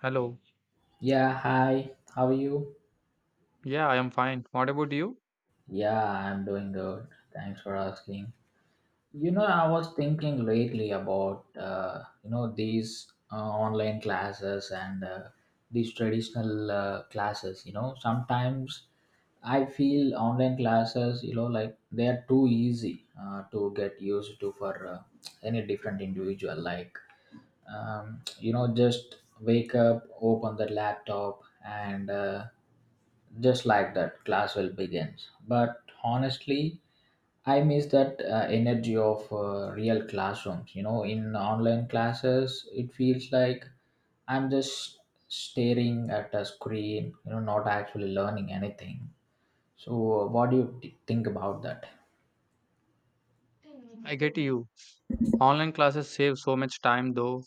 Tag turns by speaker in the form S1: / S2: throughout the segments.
S1: Hello.
S2: Yeah, hi. How are you?
S1: Yeah, I am fine. What about you?
S2: Yeah, I'm doing good. Thanks for asking. I was thinking lately about these online classes and these traditional classes. Sometimes I feel online classes, like they are too easy to get used to for any different individual. Like just wake up, open the laptop, and just like that, class will begin. But honestly, I miss that energy of real classrooms. In online classes, it feels like I'm just staring at a screen, not actually learning anything. So what do you think about that?
S1: I get you. Online classes save so much time though.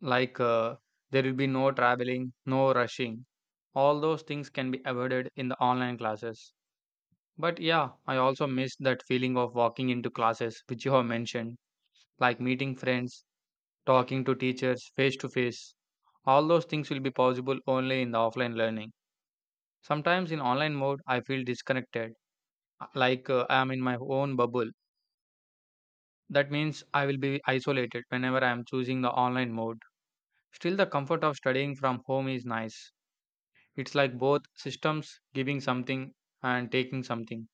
S1: Like uh, there will be no traveling, no rushing. All those things can be avoided in the online classes. But yeah, I also miss that feeling of walking into classes which you have mentioned, like meeting friends, talking to teachers face to face. All those things will be possible only in the offline learning. Sometimes in online mode I feel disconnected, I am in my own bubble. That means I will be isolated whenever I am choosing the online mode. Still, the comfort of studying from home is nice. It's like both systems giving something and taking something.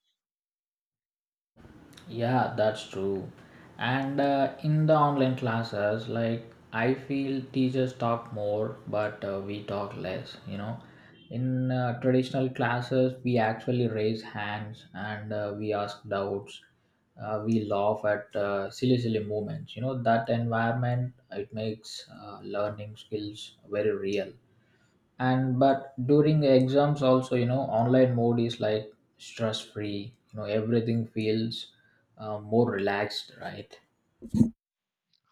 S2: Yeah, that's true. And in the online classes, like I feel teachers talk more, but we talk less. In traditional classes, we actually raise hands and we ask doubts. We laugh at silly, silly moments. That environment, it makes learning skills very real. And but during the exams also, online mode is like stress free, everything feels more relaxed, right?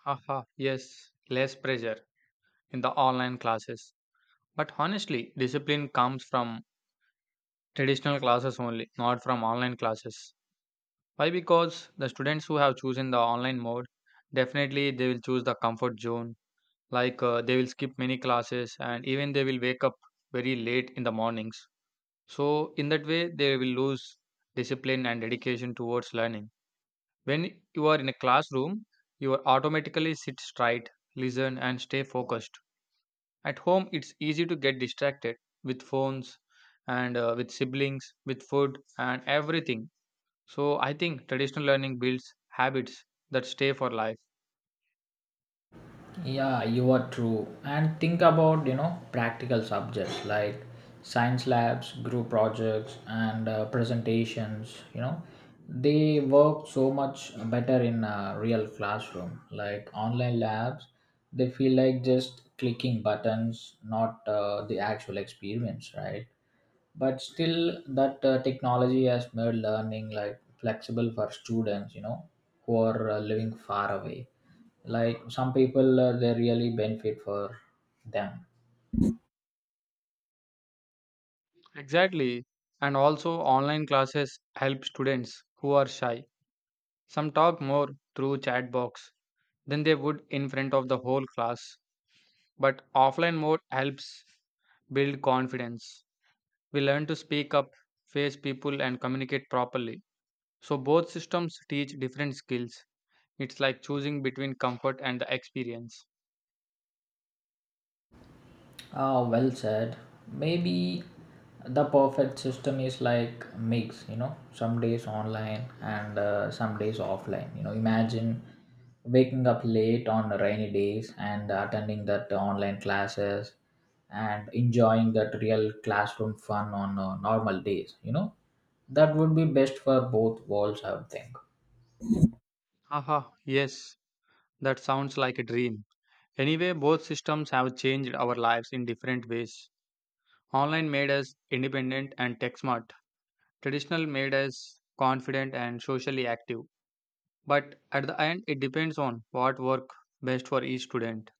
S1: Haha, yes, less pressure in the online classes. But honestly, discipline comes from traditional classes only, not from online classes. Why? Because the students who have chosen the online mode definitely they will choose the comfort zone. They will skip many classes and even they will wake up very late in the mornings. So, in that way, they will lose discipline and dedication towards learning. When you are in a classroom, you are automatically sit straight, listen, and stay focused. At home, it's easy to get distracted with phones and with siblings, with food, and everything. So, I think traditional learning builds habits that stay for life.
S2: Yeah, you are true. And think about, practical subjects like science labs, group projects, and presentations, they work so much better in a real classroom. Like online labs, they feel like just clicking buttons, not the actual experience, right? But still, that technology has made learning like flexible for students, who are living far away. Like some people, they really benefit for them.
S1: Exactly. And also, online classes help students who are shy. Some talk more through chat box than they would in front of the whole class. But offline mode helps build confidence. We learn to speak up, face people, and communicate properly. So, both systems teach different skills. It's like choosing between comfort and the experience.
S2: Ah, well said. Maybe the perfect system is like mix, some days online and some days offline. Imagine waking up late on rainy days and attending that online classes, and enjoying that real classroom fun on normal days. That would be best for both worlds, I would think.
S1: Haha, yes, that sounds like a dream. Anyway, both systems have changed our lives in different ways. Online made us independent and tech smart, traditional made us confident and socially active. But at the end, it depends on what work best for each student.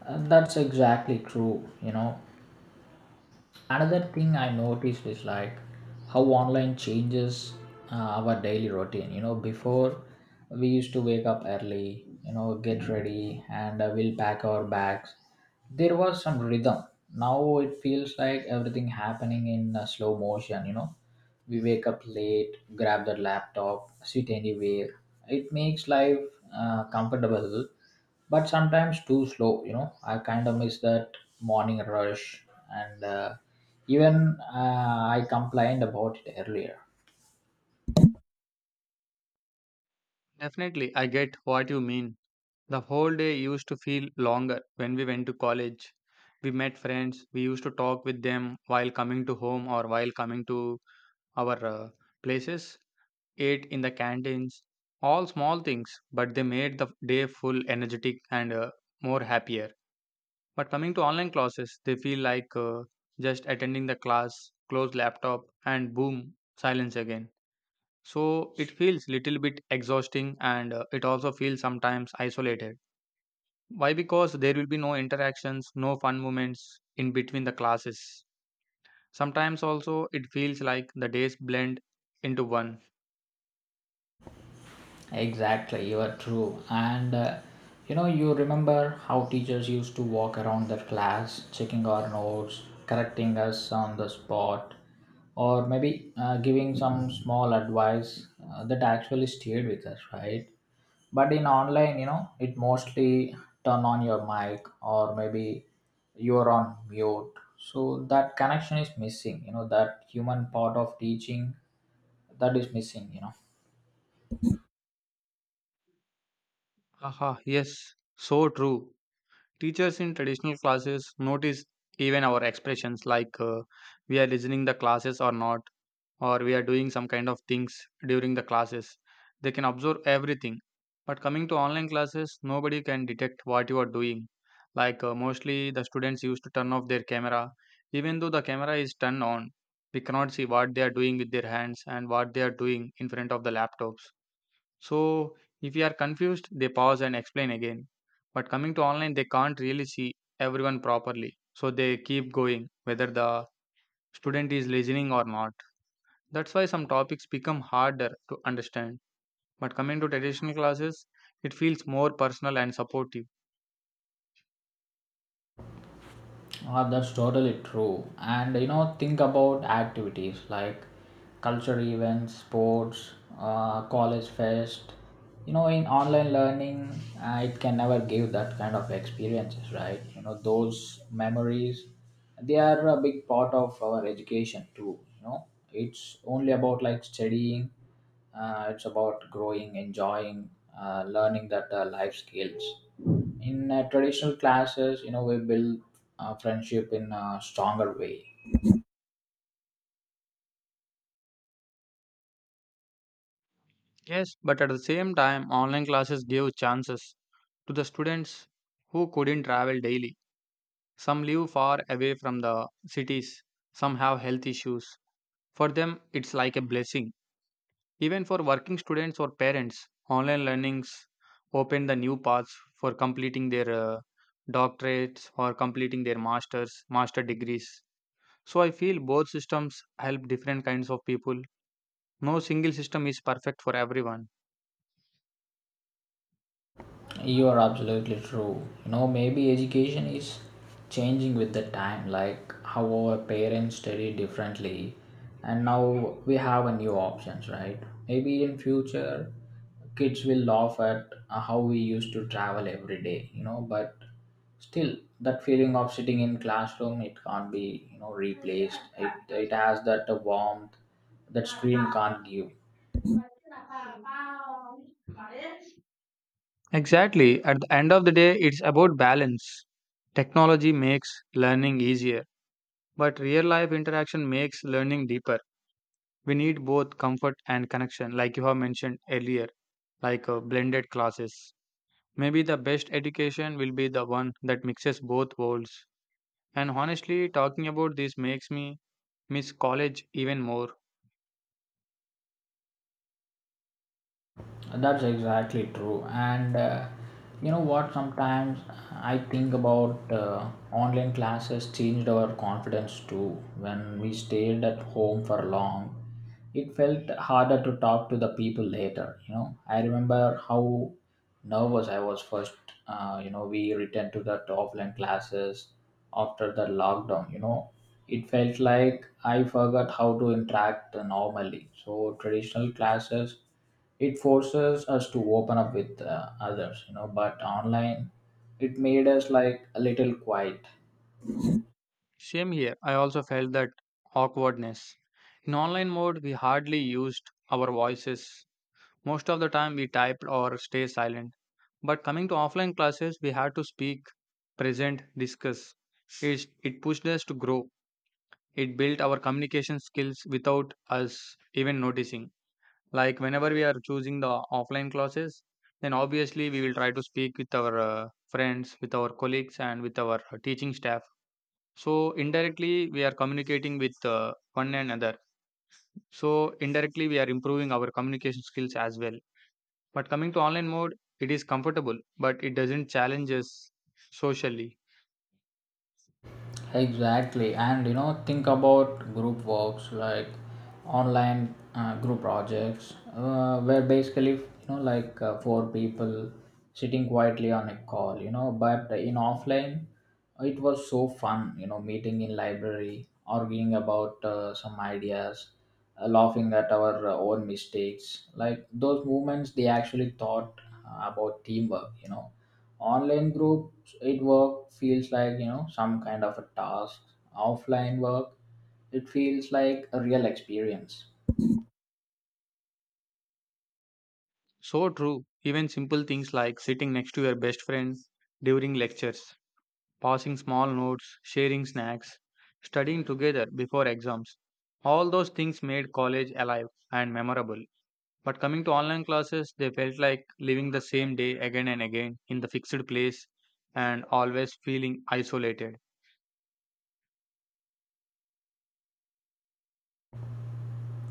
S2: And that's exactly true. Another thing I noticed is, like, how online changes our daily routine. Before, we used to wake up early, get ready and we'll pack our bags. There was some rhythm. Now it feels like everything happening in slow motion. We wake up late, grab the laptop, sit anywhere. It makes life comfortable, but sometimes too slow. I kind of miss that morning rush and even I complained about it earlier.
S1: Definitely, I get what you mean. The whole day used to feel longer when we went to college. We met friends, we used to talk with them while coming to home or while coming to our places, ate in the canteens, all small things, but they made the day full energetic and more happier. But coming to online classes, they feel like just attending the class, close laptop, and boom, silence again. So it feels little bit exhausting and it also feels sometimes isolated. Why? Because there will be no interactions, no fun moments in between the classes. Sometimes also it feels like the days blend into one.
S2: Exactly, you are true. And you remember how teachers used to walk around their class, checking our notes, correcting us on the spot, or maybe giving some small advice that actually stayed with us, right? But in online, it mostly turn on your mic or maybe you're on mute. So that connection is missing, that human part of teaching, that is missing.
S1: Haha, yes, so true. Teachers in traditional classes notice even our expressions, we are listening the classes or not, or we are doing some kind of things during the classes. They can observe everything. But coming to online classes, nobody can detect what you are doing. Mostly the students used to turn off their camera. Even though the camera is turned on, we cannot see what they are doing with their hands and what they are doing in front of the laptops. So if you are confused, they pause and explain again. But coming to online, they can't really see everyone properly, so they keep going whether the student is listening or not. That's why some topics become harder to understand. But coming to traditional classes, it feels more personal and supportive.
S2: Ah, that's totally true. And think about activities like cultural events, sports, college fest. In online learning, it can never give that kind of experiences, right? Those memories, they are a big part of our education too. It's only about like studying, it's about growing, enjoying, learning that life skills. In traditional classes, we build friendship in a stronger way.
S1: Yes, but at the same time, online classes give chances to the students who couldn't travel daily. Some live far away from the cities, some have health issues. For them, it's like a blessing. Even for working students or parents, online learnings open the new paths for completing their doctorates or completing their masters, master degrees. So I feel both systems help different kinds of people. No single system is perfect for everyone.
S2: You are absolutely true. Maybe education is changing with the time, like how our parents study differently, and now we have a new options, right? Maybe in future, kids will laugh at how we used to travel every day, but still that feeling of sitting in classroom, it can't be, you know, replaced. It has that warmth that screen can't give.
S1: Exactly. At the end of the day, it's about balance. Technology makes learning easier, but real life interaction makes learning deeper. We need both comfort and connection, like you have mentioned earlier, blended classes. Maybe the best education will be the one that mixes both worlds. And honestly, talking about this makes me miss college even more.
S2: That's exactly true. And you know what? Sometimes I think about online classes changed our confidence too. When we stayed at home for long, it felt harder to talk to the people later. I remember how nervous I was first. We returned to the offline classes after the lockdown. It felt like I forgot how to interact normally. So traditional classes, it forces us to open up with others, you know, but online, it made us like a little quiet.
S1: Same here. I also felt that awkwardness. In online mode, we hardly used our voices. Most of the time, we typed or stay silent. But coming to offline classes, we had to speak, present, discuss. It pushed us to grow. It built our communication skills without us even noticing. Like whenever we are choosing the offline classes, then obviously we will try to speak with our friends, with our colleagues, and with our teaching staff. So, indirectly, we are communicating with one another. So, indirectly, we are improving our communication skills as well. But coming to online mode, it is comfortable, but it doesn't challenge us socially.
S2: Exactly, and think about group works like online group projects, where basically, like four people sitting quietly on a call, but in offline, it was so fun, meeting in library, arguing about some ideas, laughing at our own mistakes. Like those moments, they actually thought about teamwork, online group, it work feels like, some kind of a task. Offline work, it feels like a real experience.
S1: So true. Even simple things like sitting next to your best friend during lectures, passing small notes, sharing snacks, studying together before exams. All those things made college alive and memorable. But coming to online classes, they felt like living the same day again and again in the fixed place and always feeling isolated.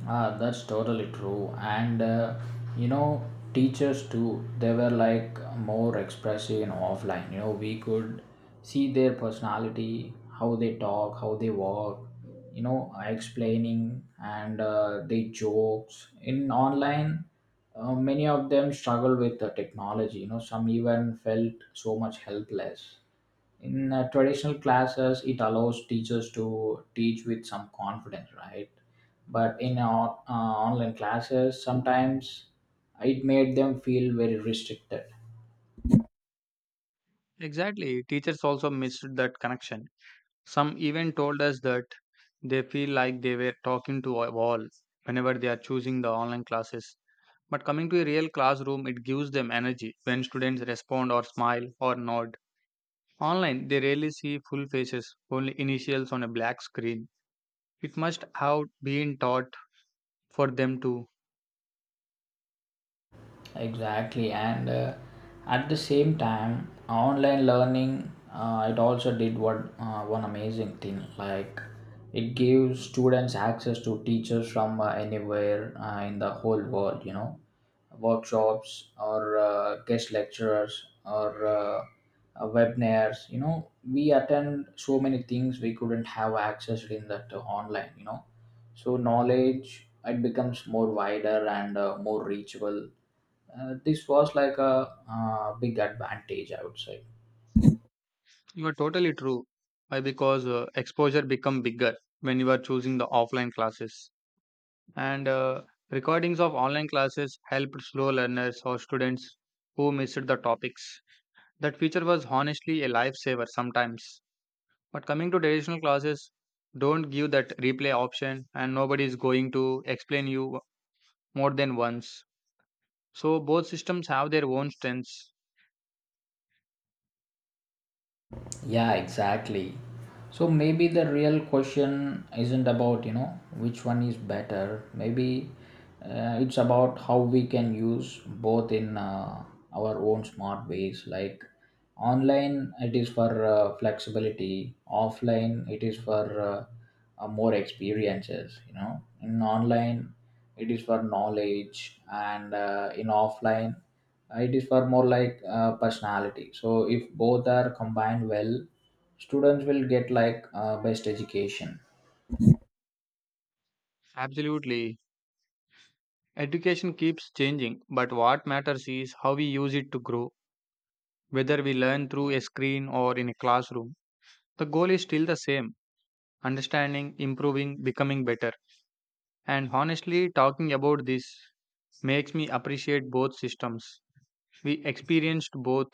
S2: Ah, that's totally true. And you know, teachers too, they were like more expressive in offline. We could see their personality, how they talk, how they walk, explaining and they jokes. In online, many of them struggle with the technology. Some even felt so much helpless in traditional classes. It allows teachers to teach with some confidence, right? But in our, online classes sometimes, it made them feel very restricted.
S1: Exactly, teachers also missed that connection. Some even told us that they feel like they were talking to a wall whenever they are choosing the online classes. But coming to a real classroom, it gives them energy when students respond or smile or nod. Online, they rarely see full faces, only initials on a black screen. It must have been taught for them to
S2: Exactly, and at the same time, online learning, it also did what, one amazing thing. Like it gives students access to teachers from anywhere in the whole world, workshops or guest lecturers or webinars. We attend so many things we couldn't have access in that online, so knowledge, it becomes more wider and more reachable. This was like a big advantage, I would say.
S1: You are totally true. Why? Because exposure become bigger when you are choosing the offline classes, and recordings of online classes helped slow learners or students who missed the topics. That feature was honestly a lifesaver sometimes. But coming to traditional classes, don't give that replay option, and nobody is going to explain you more than once. So both systems have their own strengths.
S2: Yeah, exactly. So maybe the real question isn't about, which one is better. Maybe it's about how we can use both in our own smart ways. Like online, it is for flexibility, offline, it is for more experiences. In online, it is for knowledge, and in offline, it is for more like personality. So if both are combined well, students will get like best education.
S1: Absolutely, education keeps changing, but what matters is how we use it to grow. Whether we learn through a screen or in a classroom, the goal is still the same understanding, improving, becoming better. And honestly, talking about this makes me appreciate both systems. We experienced both,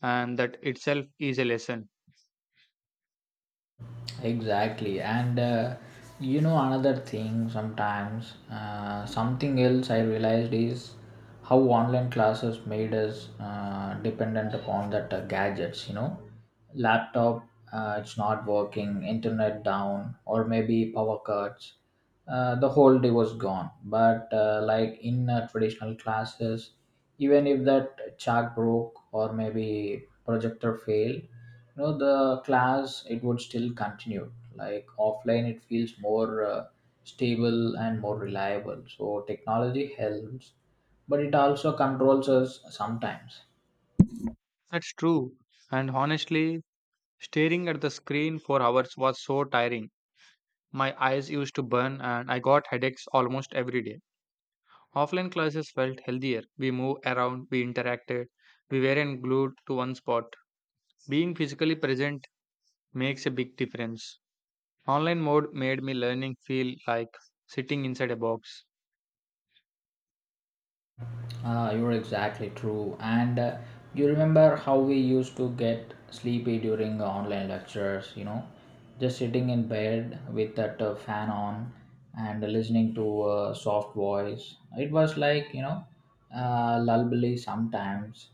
S1: and that itself is a lesson.
S2: Exactly, and another thing sometimes, something else I realized is how online classes made us dependent upon that gadgets, laptop it's not working, internet down, or maybe power cuts, the whole day was gone. But like in traditional classes, even if that chalk broke or maybe projector failed, the class, it would still continue. Like offline, it feels more stable and more reliable. So technology helps, but it also controls us sometimes.
S1: That's true. And honestly, staring at the screen for hours was so tiring. My eyes used to burn, and I got headaches almost every day. Offline classes felt healthier. We moved around, we interacted, we weren't glued to one spot. Being physically present makes a big difference. Online mode made me learning feel like sitting inside a box.
S2: Ah, you're exactly true. And you remember how we used to get sleepy during the online lectures, just sitting in bed with that fan on and listening to a soft voice. It was like, lullaby sometimes.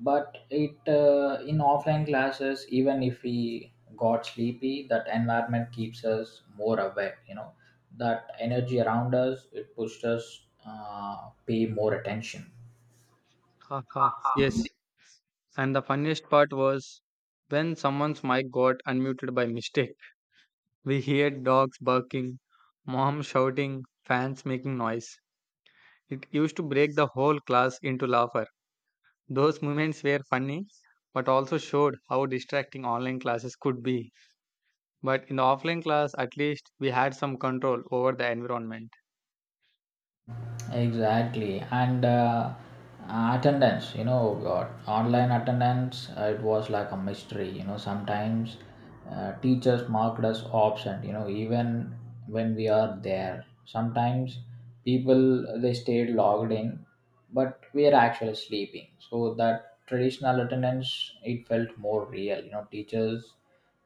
S2: But it in offline classes, even if we got sleepy, that environment keeps us more awake. That energy around us, it pushed us pay more attention. Ha
S1: Haha.
S2: ha.
S1: Yes. And the funniest part was when someone's mic got unmuted by mistake. We heard dogs barking, mom shouting, fans making noise. It used to break the whole class into laughter. Those moments were funny, but also showed how distracting online classes could be. But in the offline class, at least we had some control over the environment.
S2: Exactly, and attendance, God, online attendance, it was like a mystery. Sometimes teachers marked us absent. Even when we are there, sometimes people they stayed logged in, but we are actually sleeping. So that traditional attendance, it felt more real. Teachers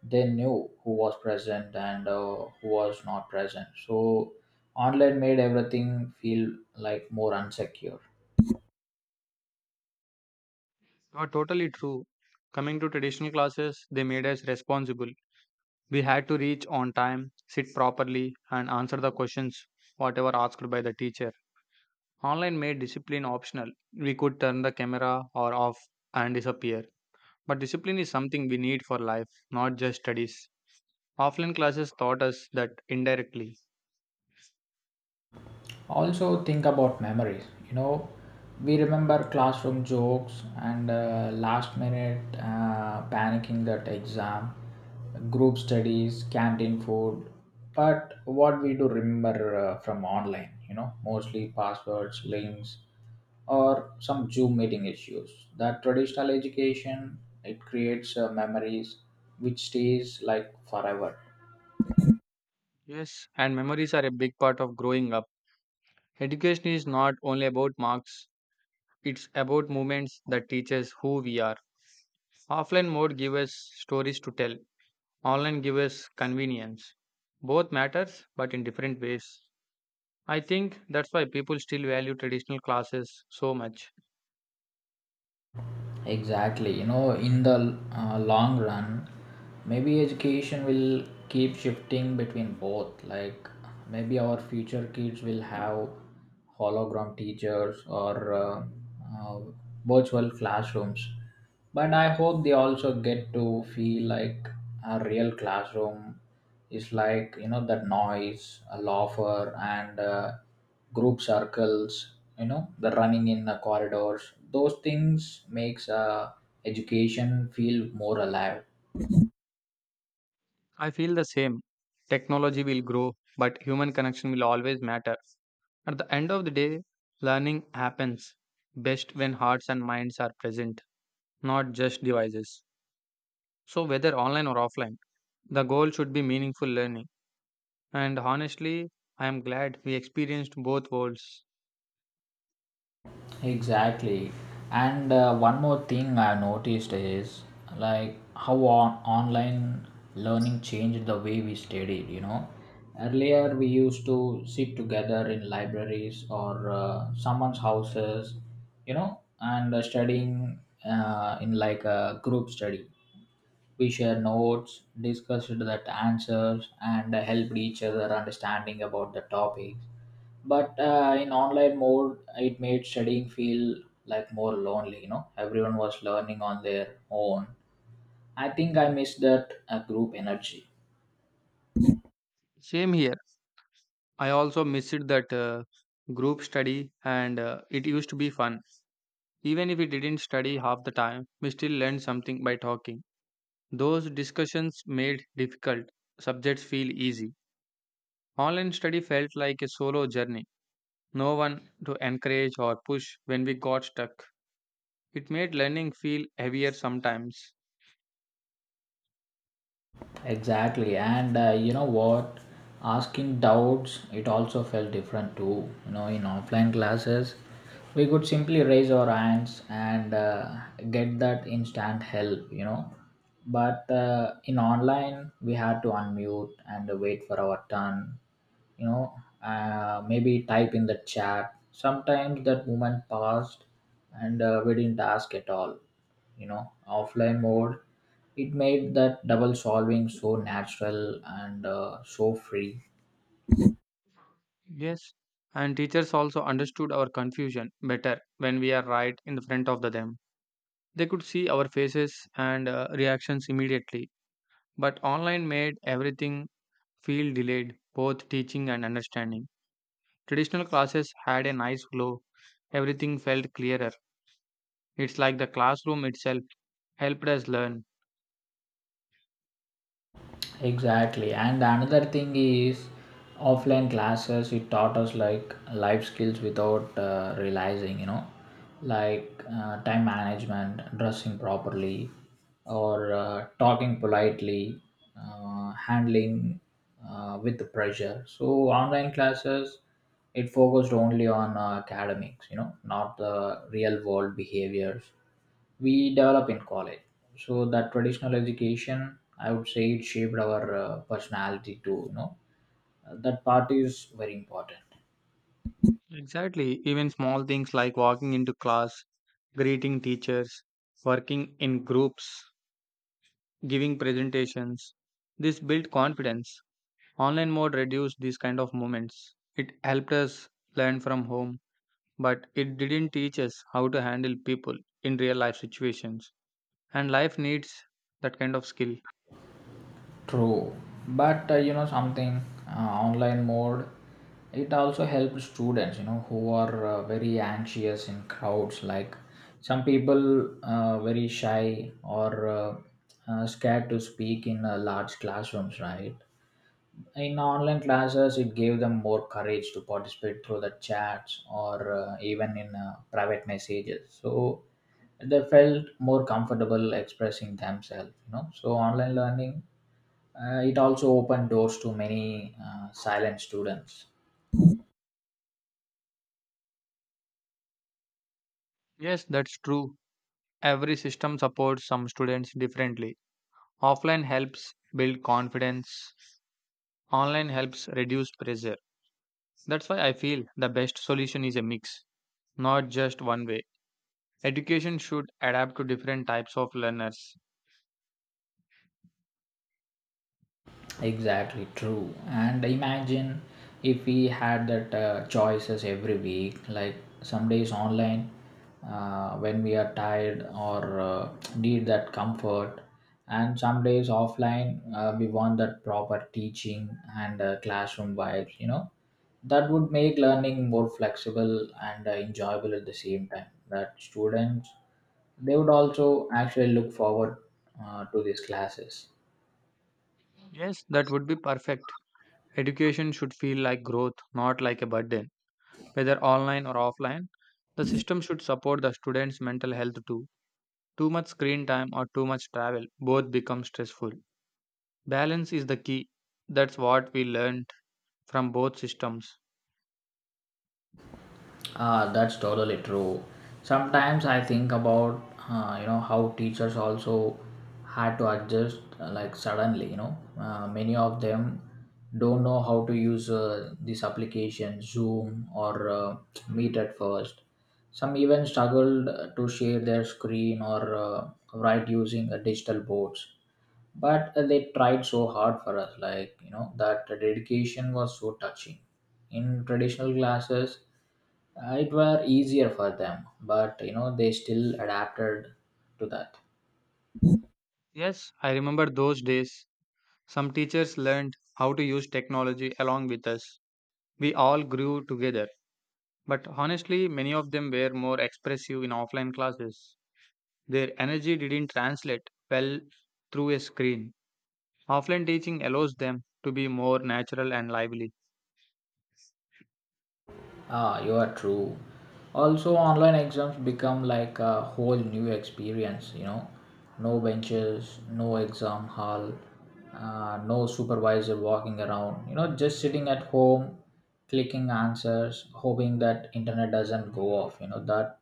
S2: they knew who was present and who was not present. So online made everything feel like more unsecure.
S1: You're totally true. Coming to traditional classes, they made us responsible. We had to reach on time, sit properly, and answer the questions whatever asked by the teacher. Online made discipline optional. We could turn the camera or off and disappear. But discipline is something we need for life, not just studies. Offline classes taught us that indirectly.
S2: Also, think about memories. We remember classroom jokes and last minute panicking that exam, group studies, canteen food. But what we do remember from online, mostly passwords, links, or some Zoom meeting issues. That traditional education, it creates memories which stays like forever.
S1: Yes, and memories are a big part of growing up. Education is not only about marks, it's about moments that teach us who we are. Offline mode give us stories to tell. Online give us convenience. Both matters, but in different ways. I think that's why people still value traditional classes so much.
S2: Exactly. In the long run, maybe education will keep shifting between both. Like, maybe our future kids will have hologram teachers or uh, virtual classrooms. But I hope they also get to feel like a real classroom is like, that noise, a laughter and group circles, the running in the corridors. Those things makes education feel more alive.
S1: I feel the same. Technology will grow, but human connection will always matter. At the end of the day, learning happens best when hearts and minds are present, not just devices. So, whether online or offline, the goal should be meaningful learning. And honestly, I am glad we experienced both worlds.
S2: Exactly. And one more thing I've noticed is like how online learning changed the way we studied. Earlier, we used to sit together in libraries or someone's houses, and studying in like a group study. We share notes, discussed that answers, and helped each other understanding about the topics. But in online mode, it made studying feel like more lonely. Everyone was learning on their own. I think I missed that group energy.
S1: Same here. I also missed that group study and it used to be fun. Even if we didn't study half the time, we still learned something by talking. Those discussions made difficult subjects feel easy. Online study felt like a solo journey. No one to encourage or push when we got stuck. It made learning feel heavier sometimes.
S2: Exactly, and you know what? Asking doubts, it also felt different too. You know, in offline classes, we could simply raise our hands and get that instant help. But in online, we had to unmute and wait for our turn, you know, maybe type in the chat. Sometimes that moment passed and we didn't ask at all, you know. Offline mode, it made that double solving so natural and so free.
S1: Yes. And teachers also understood our confusion better when we are right in the front of the them. They could see our faces and reactions immediately. But online made everything feel delayed, both teaching and understanding. Traditional classes had a nice glow, everything felt clearer. It's like the classroom itself helped us learn.
S2: Exactly, and another thing is, offline classes, it taught us like life skills without realizing, you know, like time management, dressing properly, or talking politely, handling with the pressure. So online classes, it focused only on academics, you know, not the real world behaviors we develop in college. So that traditional education, I would say, it shaped our personality too. You know, that part is very important.
S1: Exactly, even small things like walking into class, greeting teachers, working in groups, giving presentations. This built confidence. Online mode reduced these kind of moments. It helped us learn from home, but it didn't teach us how to handle people in real life situations. And life needs that kind of skill.
S2: True, but you know something, online mode. It also helps students, you know, who are very anxious in crowds. Like some people, very shy, or uh, scared to speak in large classrooms, right? In online classes, it gave them more courage to participate through the chats or even in private messages. So they felt more comfortable expressing themselves, you know. So online learning, it also opened doors to many silent students.
S1: Yes, that's true. Every system supports some students differently. Offline helps build confidence, online helps reduce pressure. That's why I feel the best solution is a mix, not just one way. Education should adapt to different types of learners.
S2: Exactly true. And imagine if we had that choices every week, like some days online when we are tired or need that comfort, and some days offline we want that proper teaching and classroom vibes. You know, that would make learning more flexible and enjoyable at the same time. That students, they would also actually look forward to these classes.
S1: Yes, that would be perfect. Education should feel like growth, not like a burden, whether online or offline. The system should support the students' mental health too. Too much screen time or too much travel both become stressful. Balance is the key. That's what we learned from both systems.
S2: That's totally true. Sometimes I think about you know how teachers also had to adjust like suddenly. You know, many of them don't know how to use this application Zoom or Meet at first. Some even struggled to share their screen or write using digital boards, but they tried so hard for us, like you know, that dedication was so touching. In traditional classes, it were easier for them, but you know, they still adapted to that.
S1: Yes, I remember those days. Some teachers learned how to use technology along with us. We all grew together. But honestly, many of them were more expressive in offline classes. Their energy didn't translate well through a screen. Offline teaching allows them to be more natural and lively.
S2: Ah, you are true. Also, online exams become like a whole new experience, you know. No benches, no exam hall, no supervisor walking around, you know, just sitting at home, clicking answers, hoping that internet doesn't go off, you know, that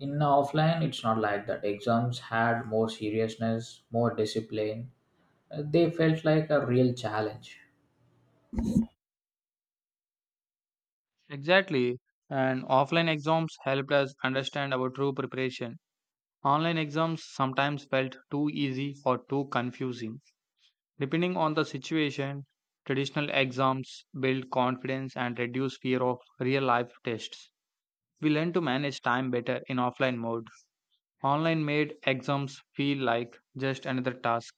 S2: in offline it's not like that. Exams had more seriousness, more discipline. They felt like a real challenge.
S1: Exactly. And offline exams helped us understand our true preparation. Online exams sometimes felt too easy or too confusing. Depending on the situation, traditional exams build confidence and reduce fear of real life tests. We learn to manage time better in offline mode. Online made exams feel like just another task.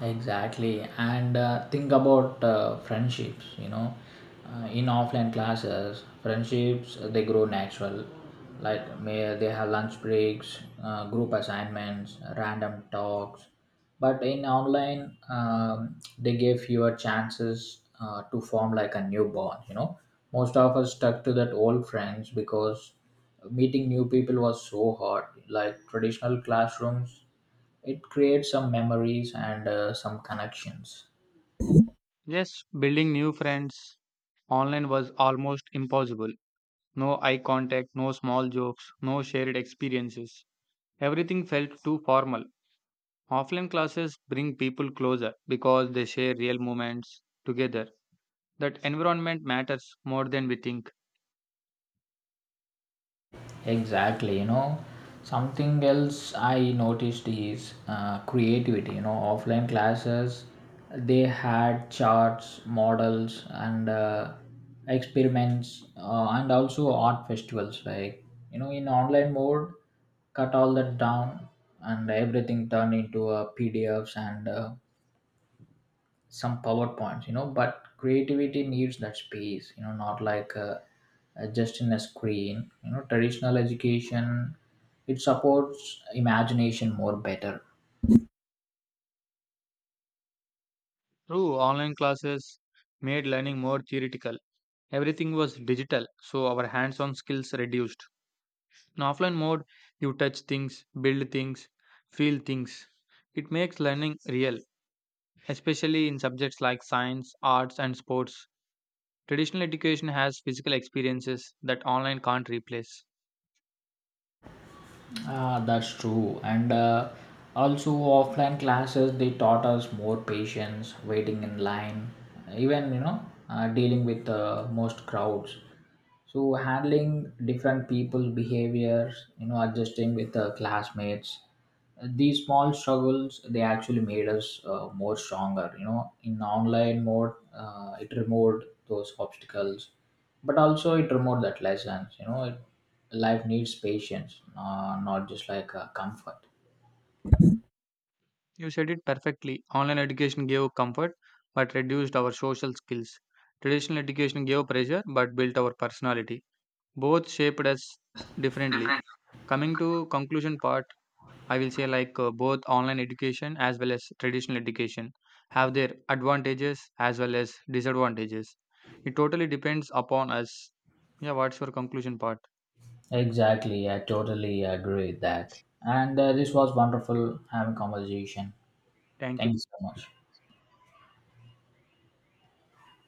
S2: Exactly, and think about friendships. You know, in offline classes, friendships they grow natural. Like may they have lunch breaks, group assignments, random talks. But in online, they give fewer chances to form like a new bond. You know, most of us stuck to that old friends because meeting new people was so hard. Like traditional classrooms, it creates some memories and some connections.
S1: Yes, building new friends online was almost impossible. No eye contact, no small jokes, no shared experiences. Everything felt too formal. Offline classes bring people closer because they share real moments together. That environment matters more than we think.
S2: Exactly, you know, something else I noticed is creativity. You know, offline classes, they had charts, models, and experiments, and also art festivals. Like you know, in online mode, cut all that down, and everything turned into PDFs and some PowerPoints. You know, but creativity needs that space, you know, not like just in a screen. You know, traditional education, it supports imagination more better.
S1: True, online classes made learning more theoretical. Everything was digital, so our hands on skills reduced. In offline mode, you touch things, build things, feel things. It makes learning real, especially in subjects like science, arts, and sports. Traditional education has physical experiences that online can't replace.
S2: Ah, that's true, and also offline classes, they taught us more patience, waiting in line, even you know, dealing with most crowds, so handling different people's behaviors, you know, adjusting with classmates. These small struggles, they actually made us more stronger, you know. In online mode, it removed those obstacles, but also it removed that lessons. You know it, life needs patience, not just like comfort.
S1: You said it perfectly. Online education gave comfort but reduced our social skills. Traditional education gave pressure but built our personality. Both shaped us differently. Coming to conclusion part, I will say both online education as well as traditional education have their advantages as well as disadvantages. It totally depends upon us. Yeah, what's your conclusion part?
S2: Exactly, I totally agree with that. And this was wonderful having conversation.
S1: Thank
S2: Thank
S1: you.
S2: you so much.